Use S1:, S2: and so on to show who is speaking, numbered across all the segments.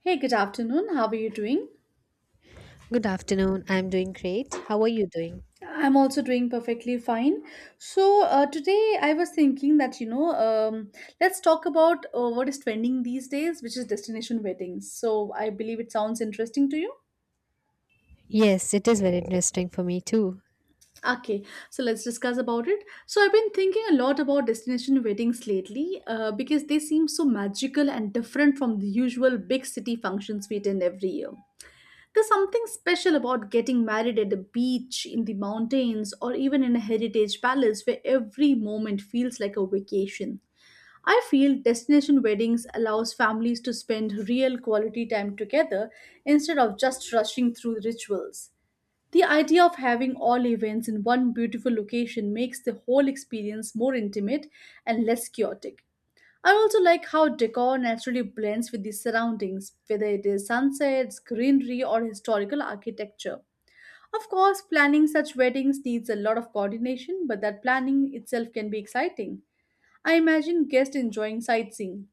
S1: Hey, good afternoon. How are you doing?
S2: Good afternoon. I'm doing great. How are you doing?
S1: I'm also doing perfectly fine. Today I was thinking that let's talk about what is trending these days, which is destination weddings. So, I believe it sounds interesting to you.
S2: Yes, it is very interesting for me too.
S1: Okay, so let's discuss about it. So, I've been thinking a lot about destination weddings lately because they seem so magical and different from the usual big city functions we attend every year. There's something special about getting married at a beach, in the mountains, or even in a heritage palace where every moment feels like a vacation. I feel destination weddings allows families to spend real quality time together instead of just rushing through rituals. The idea of having all events in one beautiful location makes the whole experience more intimate and less chaotic. I also like how decor naturally blends with the surroundings, whether it is sunsets, greenery, or historical architecture. Of course, planning such weddings needs a lot of coordination, but that planning itself can be exciting. I imagine guests enjoying sightseeing,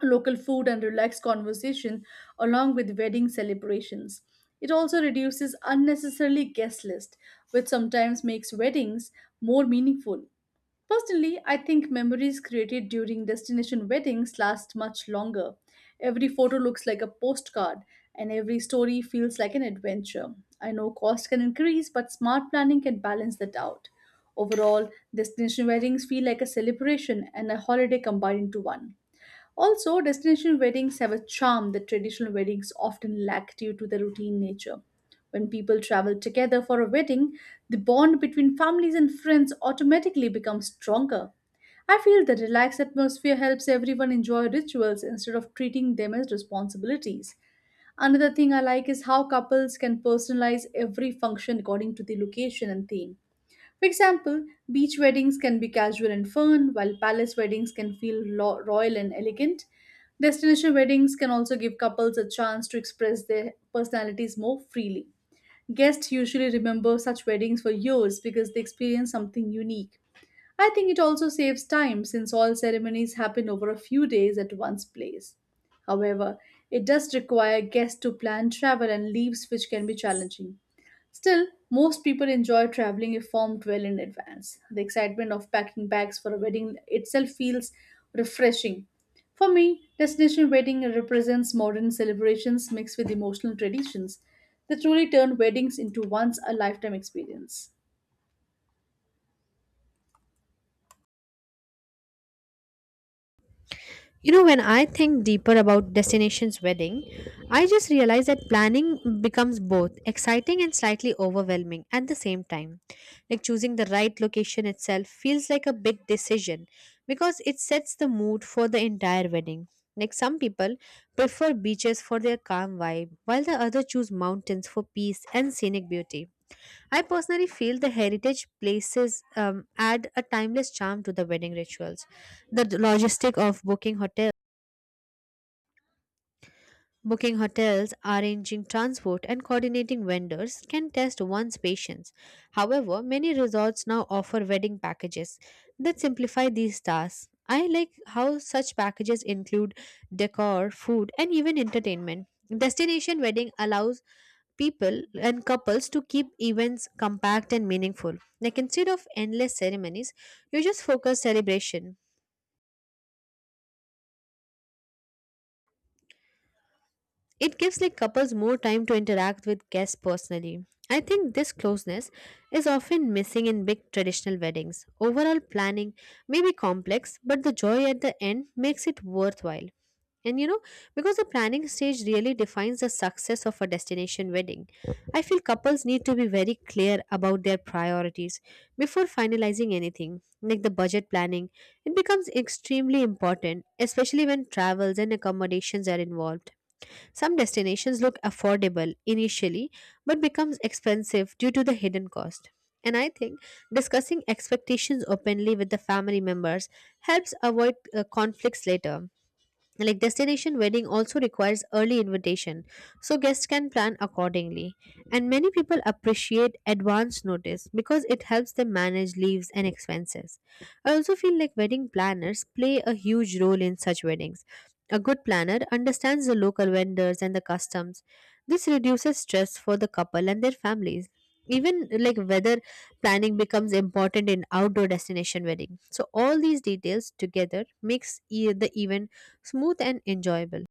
S1: local food, and relaxed conversation along with wedding celebrations. It also reduces unnecessarily guest list, which sometimes makes weddings more meaningful. Personally, I think memories created during destination weddings last much longer. Every photo looks like a postcard, and every story feels like an adventure. I know cost can increase, but smart planning can balance that out. Overall, destination weddings feel like a celebration and a holiday combined into one. Also, destination weddings have a charm that traditional weddings often lack due to their routine nature. When people travel together for a wedding, the bond between families and friends automatically becomes stronger. I feel the relaxed atmosphere helps everyone enjoy rituals instead of treating them as responsibilities. Another thing I like is how couples can personalize every function according to the location and theme. For example, beach weddings can be casual and fun, while palace weddings can feel royal and elegant. Destination weddings can also give couples a chance to express their personalities more freely. Guests usually remember such weddings for years because they experience something unique. I think it also saves time since all ceremonies happen over a few days at one's place. However, it does require guests to plan travel and leaves, which can be challenging. Still, most people enjoy traveling if formed well in advance. The excitement of packing bags for a wedding itself feels refreshing. For me, destination wedding represents modern celebrations mixed with emotional traditions that truly turn weddings into once a lifetime experience.
S2: You know, when I think deeper about Destination's wedding, I just realize that planning becomes both exciting and slightly overwhelming at the same time. Like choosing the right location itself feels like a big decision because it sets the mood for the entire wedding. Like some people prefer beaches for their calm vibe, while the other choose mountains for peace and scenic beauty. I personally feel the heritage places add a timeless charm to the wedding rituals. The d- logistic of booking hotel, Booking hotels, arranging transport, and coordinating vendors can test one's patience. However, many resorts now offer wedding packages that simplify these tasks. I like how such packages include decor, food, and even entertainment. Destination wedding allows people and couples to keep events compact and meaningful. Like instead of endless ceremonies, you just focus celebration. It gives like couples more time to interact with guests personally. I think this closeness is often missing in big traditional weddings. Overall planning may be complex, but the joy at the end makes it worthwhile. And you know, because the planning stage really defines the success of a destination wedding, I feel couples need to be very clear about their priorities before finalizing anything, like the budget planning. It becomes extremely important, especially when travels and accommodations are involved. Some destinations look affordable initially but becomes expensive due to the hidden cost. And I think discussing expectations openly with the family members helps avoid conflicts later. Like destination wedding also requires early invitation, so guests can plan accordingly. And many people appreciate advance notice because it helps them manage leaves and expenses. I also feel like wedding planners play a huge role in such weddings. A good planner understands the local vendors and the customs. This reduces stress for the couple and their families. Even like weather planning becomes important in outdoor destination wedding. So all these details together makes the event smooth and enjoyable.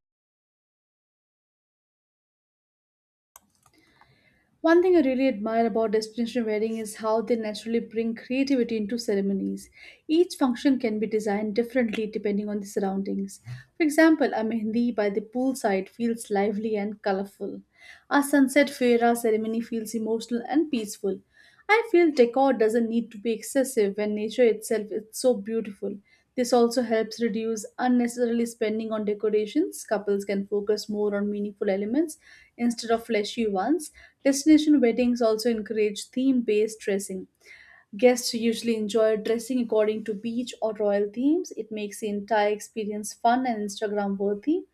S1: One thing I really admire about destination wedding is how they naturally bring creativity into ceremonies. Each function can be designed differently depending on the surroundings. For example, a mehndi by the poolside feels lively and colorful. A sunset fera ceremony feels emotional and peaceful. I feel decor doesn't need to be excessive when nature itself is so beautiful. This also helps reduce unnecessarily spending on decorations. Couples can focus more on meaningful elements instead of flashy ones. Destination weddings also encourage theme based dressing. Guests usually enjoy dressing according to beach or royal themes. It makes the entire experience fun and Instagram worthy.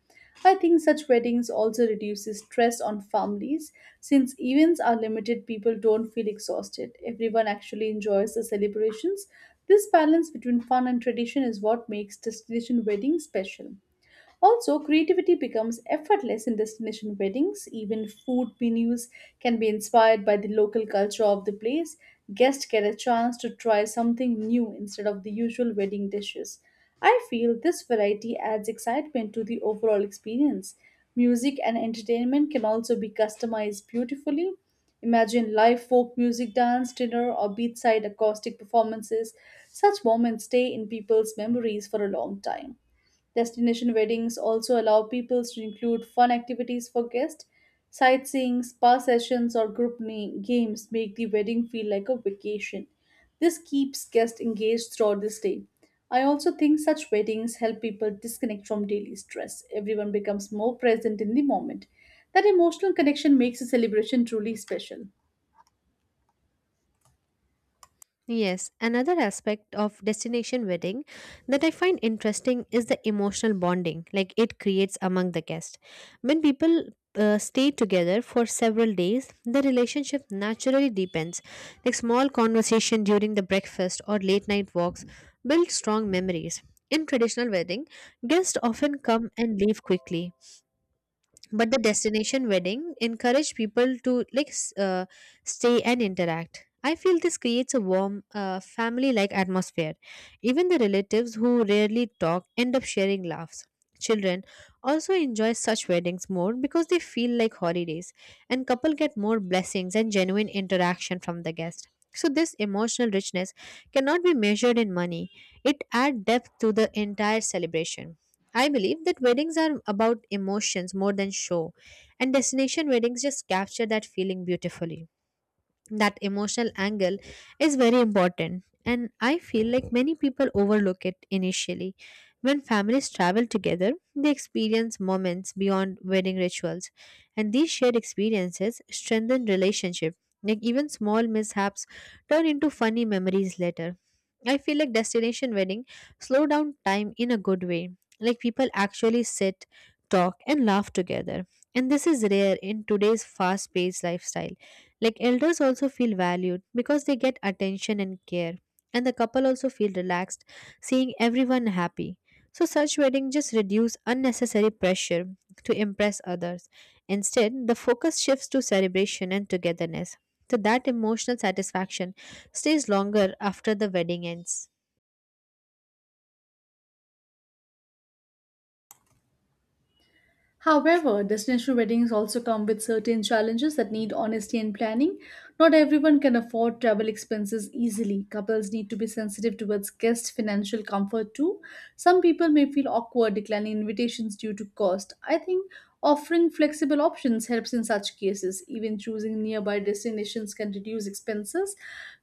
S1: I think such weddings also reduces stress on families since events are limited people don't feel exhausted. Everyone actually enjoys the celebrations. This balance between fun and tradition is what makes destination weddings special. Also, creativity becomes effortless in destination weddings. Even food menus can be inspired by the local culture of the place. Guests get a chance to try something new instead of the usual wedding dishes. I feel this variety adds excitement to the overall experience. Music and entertainment can also be customized beautifully. Imagine live folk music, dance, dinner, or beachside acoustic performances. Such moments stay in people's memories for a long time. Destination weddings also allow people to include fun activities for guests. Sightseeing, spa sessions, or group games make the wedding feel like a vacation. This keeps guests engaged throughout the stay. I also think such weddings help people disconnect from daily stress. Everyone becomes more present in the moment. That emotional connection makes the celebration truly special.
S2: Yes, another aspect of destination wedding that I find interesting is the emotional bonding like it creates among the guests. When people stay together for several days, the relationship naturally deepens. Like small conversation during the breakfast or late night walks build strong memories. In traditional wedding, guests often come and leave quickly, but the destination wedding encouraged people to stay and interact. I feel this creates a warm family like atmosphere. Even the relatives who rarely talk end up sharing laughs. Children also enjoy such weddings more because they feel like holidays, and couple get more blessings and genuine interaction from the guest. So this emotional richness cannot be measured in money. It adds depth to the entire celebration. I believe that weddings are about emotions more than show, and destination weddings just capture that feeling beautifully. That emotional angle is very important, and I feel like many people overlook it initially. When families travel together, they experience moments beyond wedding rituals, and these shared experiences strengthen relationship. Like even small mishaps turn into funny memories later. I feel like destination wedding slow down time in a good way. Like people actually sit, talk and laugh together, and this is rare in today's fast paced lifestyle. Like elders also feel valued because they get attention and care, and the couple also feel relaxed seeing everyone happy. So such weddings just reduce unnecessary pressure to impress others. Instead, the focus shifts to celebration and togetherness. So that emotional satisfaction stays longer after the wedding ends.
S1: However, destination weddings also come with certain challenges that need honesty and planning. Not everyone can afford travel expenses easily. Couples need to be sensitive towards guest financial comfort too. Some people may feel awkward declining invitations due to cost. I think offering flexible options helps in such cases. Even choosing nearby destinations can reduce expenses.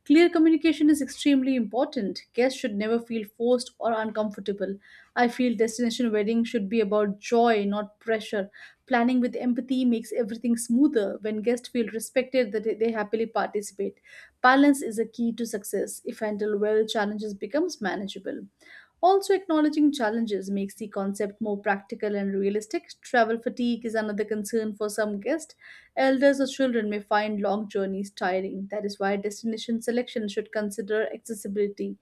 S1: Clear communication is extremely important. Guests should never feel forced or uncomfortable. I feel destination wedding should be about joy, not pressure. Planning with empathy makes everything smoother. When guests feel respected, that they happily participate. Balance is a key to success. If handled well, challenges becomes manageable. Also, acknowledging challenges makes the concept more practical and realistic. Travel fatigue is another concern for some guests. Elders or children may find long journeys tiring. That is why destination selection should consider accessibility.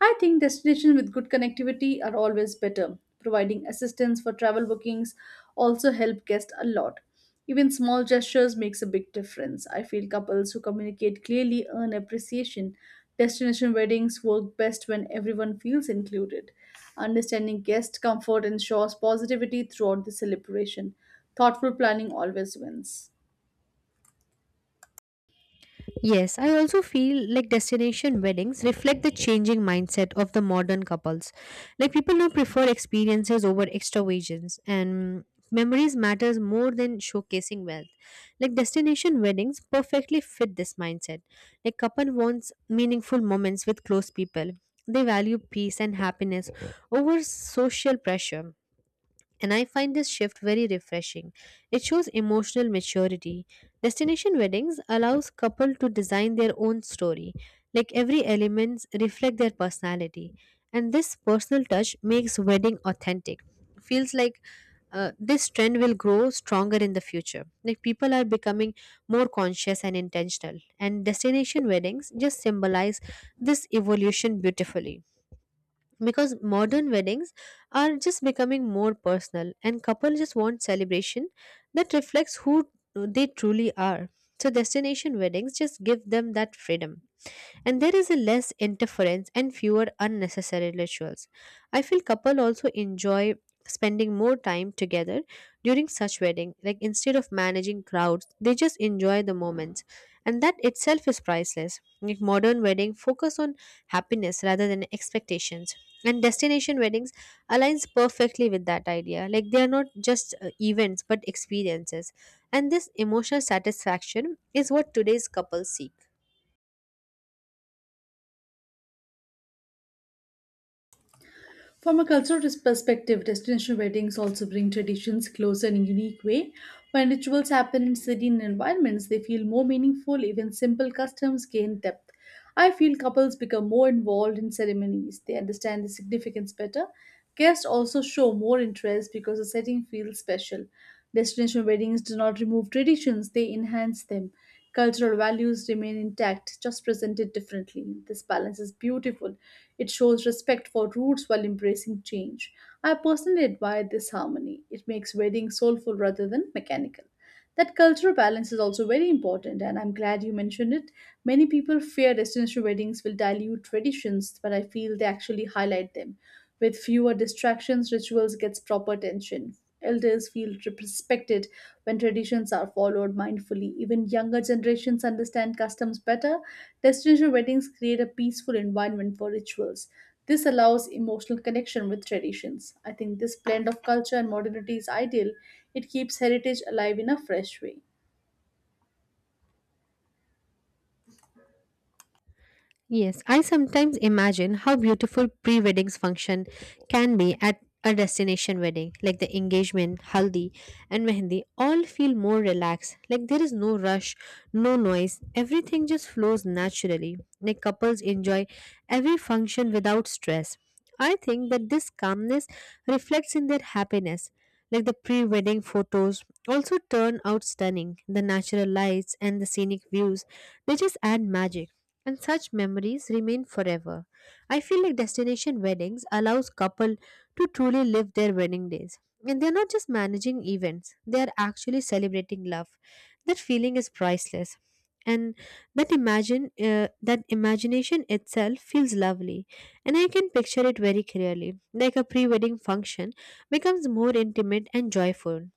S1: I think destinations with good connectivity are always better providing assistance for travel bookings also help guests a lot, even small gestures makes a big difference. I feel couples who communicate clearly earn appreciation. Destination weddings work best when everyone feels included. Understanding guest comfort ensures positivity throughout the celebration. Thoughtful planning always wins.
S2: Yes, I also feel like destination weddings reflect the changing mindset of the modern couples. Like people now prefer experiences over extravagance, and memories matters more than showcasing wealth. Like destination weddings perfectly fit this mindset. Like couple wants meaningful moments with close people. They value peace and happiness over social pressure, and I find this shift very refreshing. It shows emotional maturity. Destination weddings allows couple to design their own story, like every elements reflect their personality. And this personal touch makes wedding authentic. Feels like this trend will grow stronger in the future. Like people are becoming more conscious and intentional, and destination weddings just symbolize this evolution beautifully, because modern weddings are just becoming more personal and couples just want celebration that reflects who they truly are. So destination weddings just give them that freedom, and there is a less interference and fewer unnecessary rituals. I feel couple also enjoy spending more time together during such wedding. Like instead of managing crowds, they just enjoy the moments, and that itself is priceless. Like modern wedding focus on happiness rather than expectations, and destination weddings aligns perfectly with that idea. Like they are not just events but experiences, and this emotional satisfaction is what today's couples seek.
S1: From a cultural perspective, destination weddings also bring traditions closer in a unique way. When rituals happen in serene environments, they feel more meaningful, even simple customs gain depth. I feel couples become more involved in ceremonies, they understand the significance better. Guests also show more interest because the setting feels special. Destination weddings do not remove traditions, they enhance them. Cultural values remain intact, just presented differently. This balance is beautiful. It shows respect for roots while embracing change. I personally admire this harmony. It makes weddings soulful rather than mechanical. That cultural balance is also very important, and I'm glad you mentioned it. Many people fear destination weddings will dilute traditions, but I feel they actually highlight them. With fewer distractions, rituals gets proper attention. Elders feel respected when traditions are followed mindfully. Even younger generations understand customs better. Destination weddings create a peaceful environment for rituals. This allows emotional connection with traditions. I think this blend of culture and modernity is ideal. It keeps heritage alive in a fresh way.
S2: Yes, I sometimes imagine how beautiful pre weddings function can be at a destination wedding. Like the engagement, haldi, and mehendi all feel more relaxed. Like there is no rush, no noise, everything just flows naturally. Like couples enjoy every function without stress. I think that this calmness reflects in their happiness. Like the pre wedding photos also turn out stunning. The natural lights and the scenic views, they just add magic, and such memories remain forever. I feel like destination weddings allows couple to truly live their wedding days. And they're not just managing events, they are actually celebrating love. That feeling is priceless. And that imagination itself feels lovely, and I can picture it very clearly. Like a pre-wedding function becomes more intimate and joyful.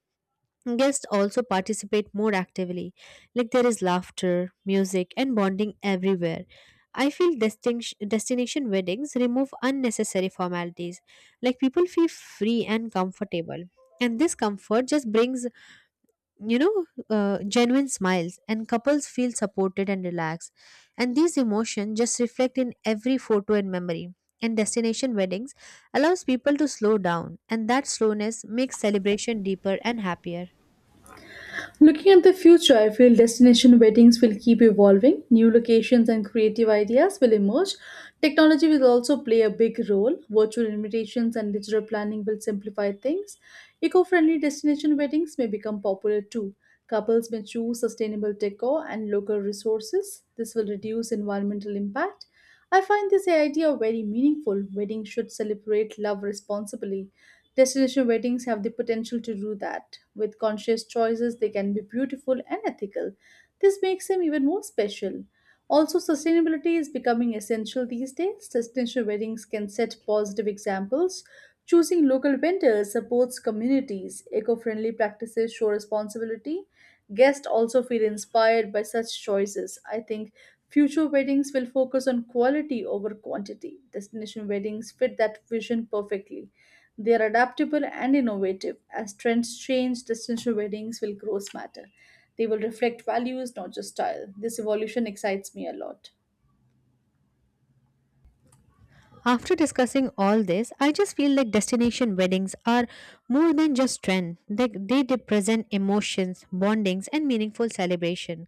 S2: Guests also participate more actively, like there is laughter, music, and bonding everywhere. I feel destination weddings remove unnecessary formalities, like people feel free and comfortable. And this comfort just brings, genuine smiles, and couples feel supported and relaxed. And these emotions just reflect in every photo and memory. And destination weddings allows people to slow down, and that slowness makes celebration deeper and happier.
S1: Looking at the future, I feel destination weddings will keep evolving. New locations and creative ideas will emerge. Technology will also play a big role. Virtual invitations and digital planning will simplify things. Eco friendly destination weddings may become popular too. Couples may choose sustainable decor and local resources. This will reduce environmental impact. I find this idea very meaningful. Weddings should celebrate love responsibly. Destination weddings have the potential to do that. With conscious choices, they can be beautiful and ethical. This makes them even more special. Also, sustainability is becoming essential these days. Sustainable weddings can set positive examples. Choosing local vendors supports communities. Eco friendly practices show responsibility. Guests also feel inspired by such choices. I think future weddings will focus on quality over quantity. Destination weddings fit that vision perfectly. They are adaptable and innovative. As trends change, destination weddings will grow smarter. They will reflect values, not just style. This evolution excites me a lot.
S2: After discussing all this, I just feel like destination weddings are more than just trend. They represent emotions, bondings, and meaningful celebration.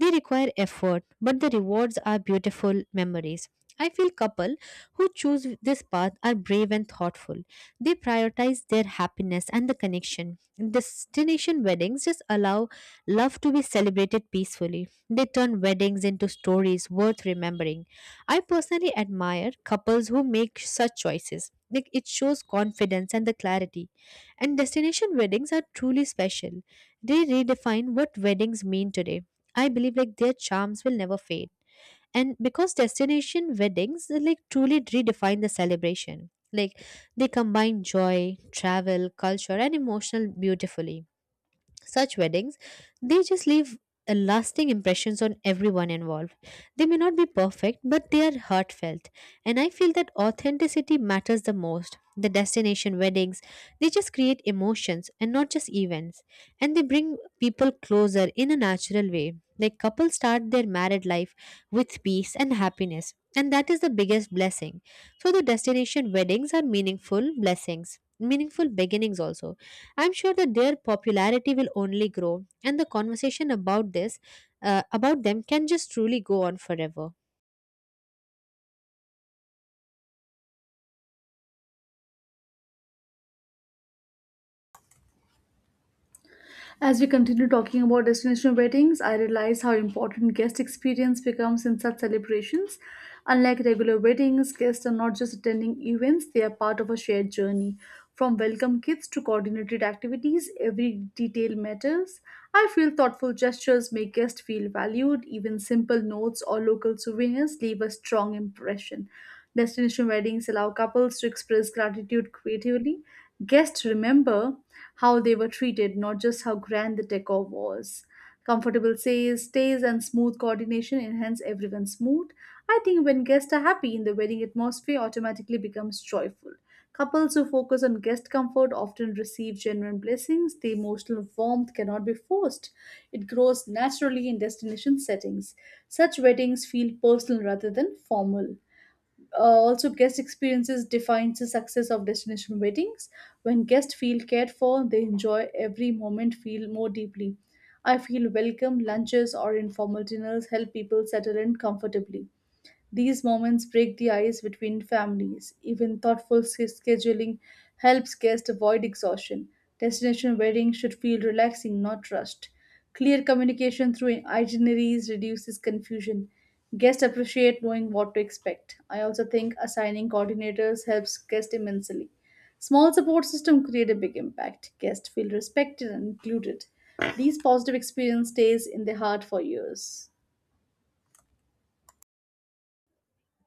S2: They require effort, but the rewards are beautiful memories. I feel couple who choose this path are brave and thoughtful. They prioritize their happiness and the connection. Destination weddings just allow love to be celebrated peacefully. They turn weddings into stories worth remembering. I personally admire couples who make such choices. Like it shows confidence and the clarity. And destination weddings are truly special. They redefine what weddings mean today. I believe like their charms will never fade. And because destination weddings they, like truly redefine the celebration. Like they combine joy, travel, culture and emotional beautifully. Such weddings, they just leave a lasting impressions on everyone involved. They may not be perfect, but they are heartfelt. And I feel that authenticity matters the most. The destination weddings, they just create emotions and not just events. And they bring people closer in a natural way. Like couples start their married life with peace and happiness. And that is the biggest blessing. So the destination weddings are meaningful blessings, meaningful beginnings also. I'm sure that their popularity will only grow, and the conversation about this, about them, can just truly go on forever.
S1: As we continue talking about destination weddings, I realize how important guest experience becomes in such celebrations. Unlike regular weddings, guests are not just attending events, they are part of a shared journey. From welcome kits to coordinated activities, every detail matters. I feel thoughtful gestures make guests feel valued, even simple notes or local souvenirs leave a strong impression. Destination weddings allow couples to express gratitude creatively. Guests remember how they were treated, not just how grand the decor was. Comfortable stays and smooth coordination enhance everyone's mood. I think when guests are happy, the wedding atmosphere automatically becomes joyful. Couples who focus on guest comfort often receive genuine blessings. The emotional warmth cannot be forced. It grows naturally in destination settings. Such weddings feel personal rather than formal. Also, guest experiences defines the success of destination weddings. When guests feel cared for, they enjoy every moment feel more deeply. I feel welcome lunches or informal dinners help people settle in comfortably. These moments break the ice between families. Even thoughtful scheduling helps guests avoid exhaustion. Destination weddings should feel relaxing, not rushed. Clear communication through itineraries reduces confusion. Guests appreciate knowing what to expect. I also think assigning coordinators helps guests immensely. Small support system create a big impact. Guests feel respected and included. These positive experience stays in their heart for years.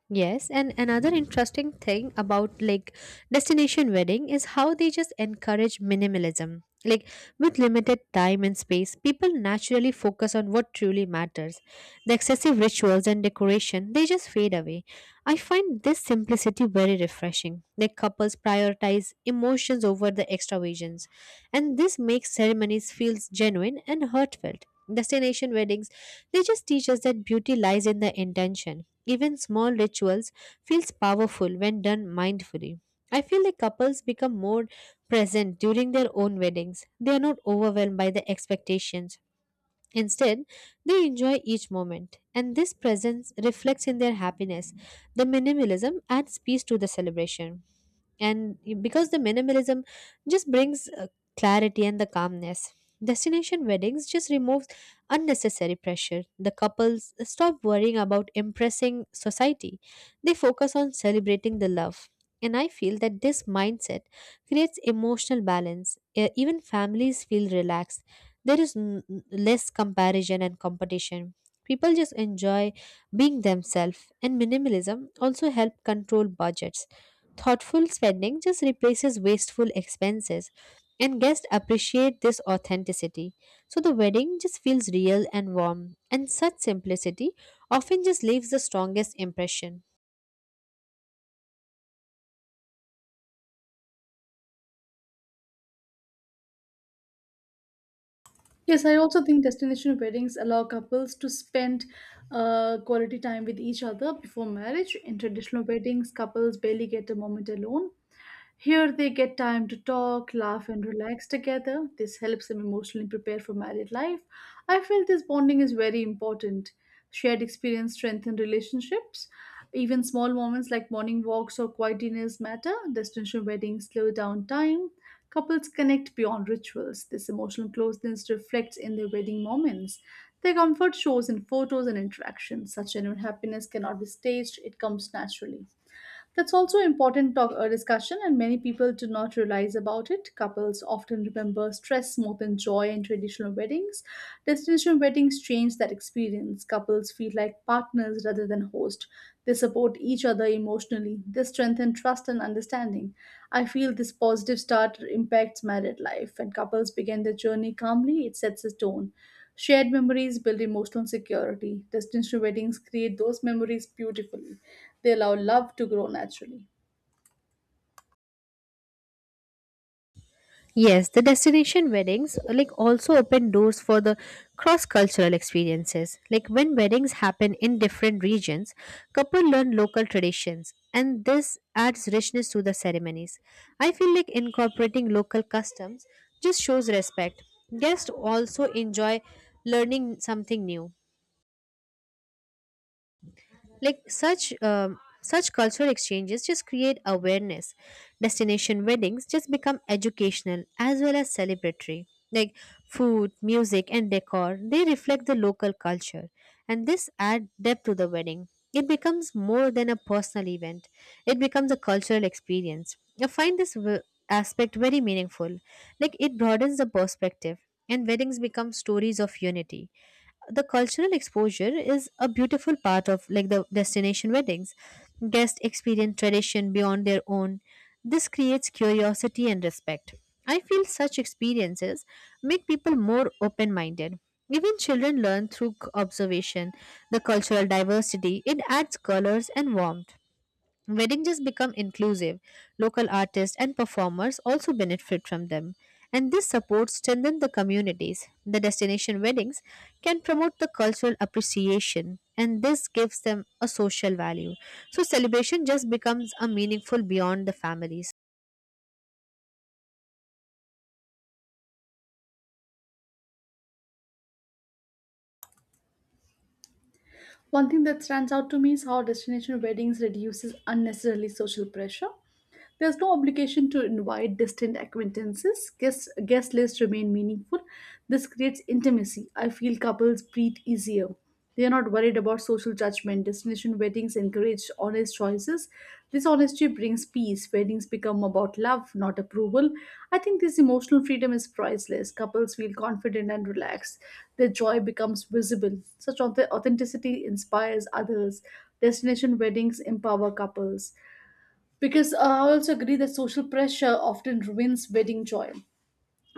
S2: Yes, and another interesting thing about like destination wedding is how they just encourage minimalism. Like with limited time and space, people naturally focus on what truly matters. The excessive rituals and decoration, they just fade away. I find this simplicity very refreshing. Like couples prioritize emotions over the extravagance, and this makes ceremonies feels genuine and heartfelt. Destination weddings, they just teach us that beauty lies in the intention. Even small rituals feels powerful when done mindfully. I feel like couples become more present during their own weddings. They are not overwhelmed by the expectations. Instead, they enjoy each moment, and this presence reflects in their happiness. The minimalism adds peace to the celebration. And because the minimalism just brings clarity and the calmness, destination weddings just removes unnecessary pressure. The couples stop worrying about impressing society. They focus on celebrating the love, and I feel that this mindset creates emotional balance. Even families feel relaxed. There is less comparison and competition. People just enjoy being themselves, and minimalism also help control budgets. Thoughtful spending just replaces wasteful expenses, and guests appreciate this authenticity. So the wedding just feels real and warm, and such simplicity often just leaves the strongest impression.
S1: Yes, I also think destination weddings allow couples to spend quality time with each other before marriage. In traditional weddings, couples barely get a moment alone. Here, they get time to talk, laugh, and relax together. This helps them emotionally prepare for married life. I feel this bonding is very important. Shared experience strengthen relationships. Even small moments like morning walks or quiet dinners matter. Destination weddings slow down time. Couples connect beyond rituals. This emotional closeness reflects in their wedding moments. Their comfort shows in photos and interactions. Such genuine happiness cannot be staged, it comes naturally. That's also important talk, discussion, and many people do not realize about it. Couples often remember stress more than joy in traditional weddings. Destination weddings change that experience. Couples feel like partners rather than host. They support each other emotionally. They strengthen trust and understanding. I feel this positive start impacts married life. When couples begin their journey calmly, it sets a tone. Shared memories build emotional security. Destination weddings create those memories beautifully. They allow love to grow naturally.
S2: Yes, the destination weddings like also open doors for the cross-cultural experiences. Like when weddings happen in different regions, couple learn local traditions and this adds richness to the ceremonies. I feel like incorporating local customs just shows respect. Guests also enjoy learning something new. Like such cultural exchanges just create awareness. Destination weddings just become educational as well as celebratory. Like food, music and decor, they reflect the local culture, and this add depth to the wedding. It becomes more than a personal event, it becomes a cultural experience. I find this aspect very meaningful. Like it broadens the perspective, and weddings become stories of unity. The cultural exposure is a beautiful part of like the destination weddings. Guests experience tradition beyond their own. This creates curiosity and respect. I feel such experiences make people more open minded. Even children learn through observation. The cultural diversity, it adds colors and warmth. Wedding just become inclusive. Local artists and performers also benefit from them. And this support strengthens the communities. The destination weddings can promote the cultural appreciation, and this gives them a social value. So celebration just becomes a meaningful beyond the families.
S1: One thing that stands out to me is how destination weddings reduces unnecessarily social pressure. There's no obligation to invite distant acquaintances. Guest lists remain meaningful. This creates intimacy. I feel couples breathe easier. They are not worried about social judgment. Destination weddings encourage honest choices. This honesty brings peace. Weddings become about love, not approval. I think this emotional freedom is priceless. Couples feel confident and relaxed. Their joy becomes visible. Such authenticity inspires others. Destination weddings empower couples. Because I also agree that social pressure often ruins wedding joy.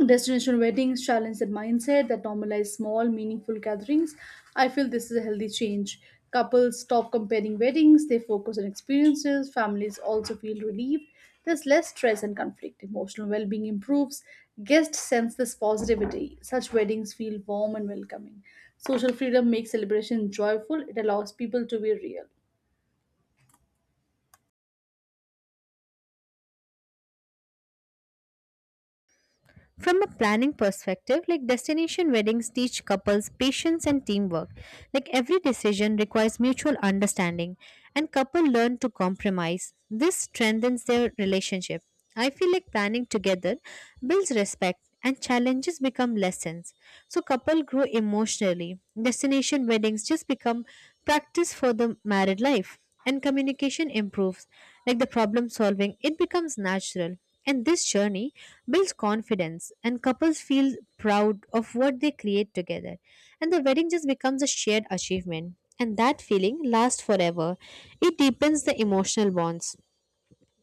S1: Destination weddings challenge that mindset that normalize small, meaningful gatherings. I feel this is a healthy change. Couples stop comparing weddings, they focus on experiences. Families also feel relieved. There's less stress and conflict. Emotional well being improves. Guests sense this positivity. Such weddings feel warm and welcoming. Social freedom makes celebration joyful, it allows people to be real.
S2: From a planning perspective, like destination weddings teach couples patience and teamwork. Like every decision requires mutual understanding, and couple learn to compromise. This strengthens their relationship. I feel like planning together builds respect, and challenges become lessons. So couple grow emotionally. Destination weddings just become practice for the married life, and communication improves. Like the problem solving, it becomes natural. And this journey builds confidence, and couples feel proud of what they create together. And the wedding just becomes a shared achievement, and that feeling lasts forever. It deepens the emotional bonds.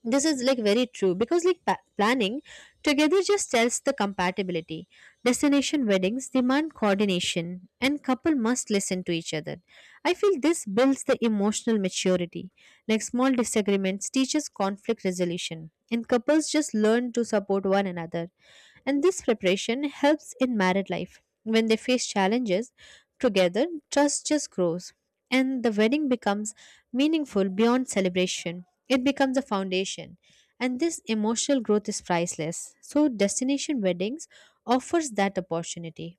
S2: This is like very true, because like planning together just tells the compatibility. Destination weddings demand coordination, and couple must listen to each other. I feel this builds the emotional maturity. Like small disagreements teaches conflict resolution, and couples just learn to support one another. And this preparation helps in married life. When they face challenges together, trust just grows. And the wedding becomes meaningful beyond celebration. It becomes a foundation. And this emotional growth is priceless. So, destination weddings offers that opportunity.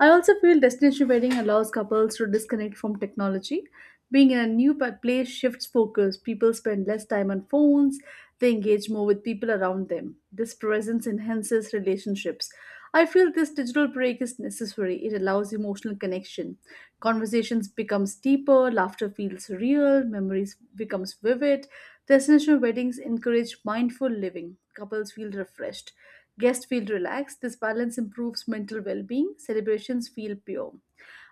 S1: I also feel destination wedding allows couples to disconnect from technology. Being in a new pa- place shifts focus. People spend less time on phones, they engage more with people around them. This presence enhances relationships. I feel this digital break is necessary. It allows emotional connection. Conversations become deeper, laughter feels real, memories becomes vivid. Destination weddings encourage mindful living. Couples feel refreshed. Guests feel relaxed. This balance improves mental well-being. Celebrations feel pure.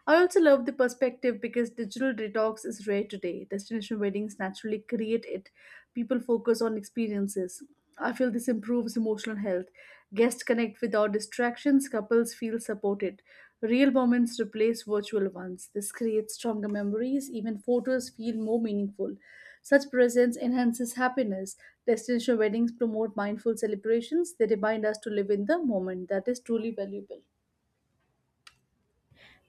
S1: I also love the perspective because digital detox is rare today. Destination weddings naturally create it. People focus on experiences. I feel this improves emotional health. Guests connect without distractions, couples feel supported. Real moments replace virtual ones. This creates stronger memories, even photos feel more meaningful. Such presence enhances happiness. Destination weddings promote mindful celebrations, they remind us to live in the moment. That is truly valuable.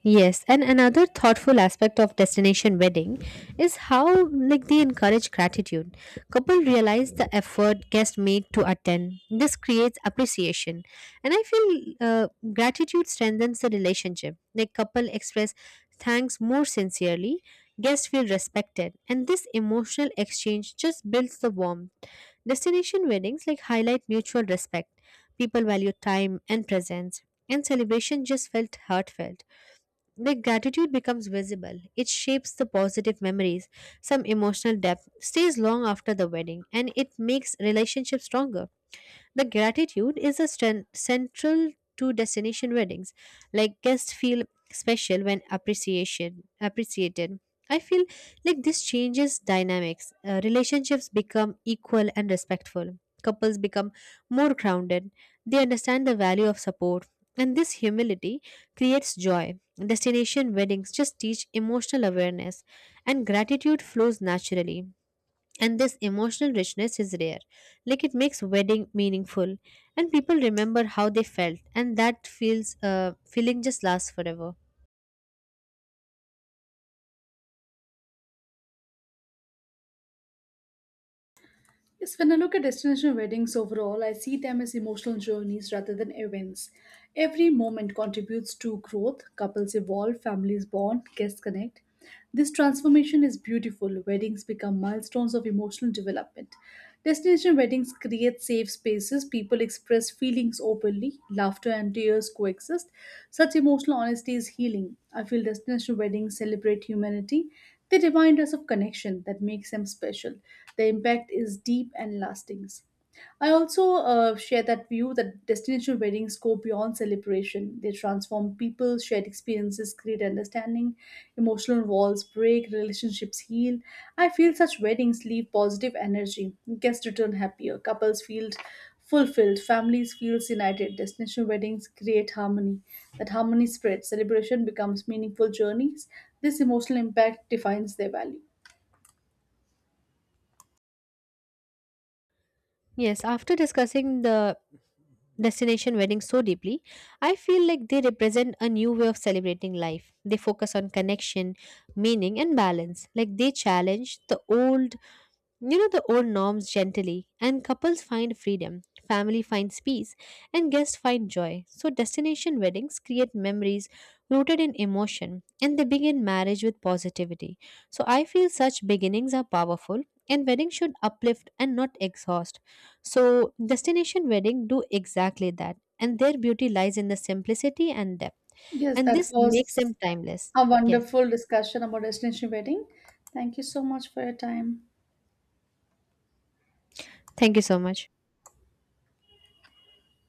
S2: Yes, and another thoughtful aspect of destination wedding is how like they encourage gratitude. Couple realize the effort guest made to attend. This creates appreciation, and I feel gratitude strengthens the relationship. Like couple express thanks more sincerely, guests feel respected, and this emotional exchange just builds the warmth. Destination weddings like highlight mutual respect. People value time and presence, and celebration just felt heartfelt. The gratitude becomes visible. It shapes the positive memories. Some emotional depth stays long after the wedding, and it makes relationships stronger. The gratitude is a strength central to destination weddings. Like guests feel special when appreciation appreciated. I feel like this changes dynamics. Relationships become equal and respectful. Couples become more grounded. They understand the value of support. And this humility creates joy. Destination weddings just teach emotional awareness, and gratitude flows naturally, and this emotional richness is rare. Like it makes wedding meaningful, and people remember how they felt, and that feels feeling just lasts forever.
S1: Yes, when I look at destination weddings overall, I see them as emotional journeys rather than events. Every moment contributes to growth, couples evolve, families bond, guests connect. This transformation is beautiful. Weddings become milestones of emotional development. Destination weddings create safe spaces, people express feelings openly, laughter and tears coexist. Such emotional honesty is healing. I feel destination weddings celebrate humanity, they remind us of connection that makes them special. The impact is deep and lasting. I also share that view that destination weddings go beyond celebration. They transform people, shared experiences create understanding, emotional walls break, relationships heal. I feel such weddings leave positive energy. Guests return happier, couples feel fulfilled, families feel united. Destination weddings create harmony. That harmony spreads, celebration becomes meaningful journeys. This emotional impact defines their value.
S2: Yes, after discussing the destination wedding so deeply, I feel like they represent a new way of celebrating life. They focus on connection, meaning and balance. Like they challenge the old, you know, the old norms gently, and couples find freedom, family finds peace, and guests find joy. So, destination weddings create memories rooted in emotion, and they begin marriage with positivity. So, I feel such beginnings are powerful, and weddings should uplift and not exhaust. So, destination wedding do exactly that, and their beauty lies in the simplicity and depth,
S1: Yes,
S2: and
S1: that
S2: this makes
S1: was
S2: them timeless.
S1: a
S2: Yes,
S1: wonderful discussion about destination wedding. Thank you so much for your time.
S2: thank you so much.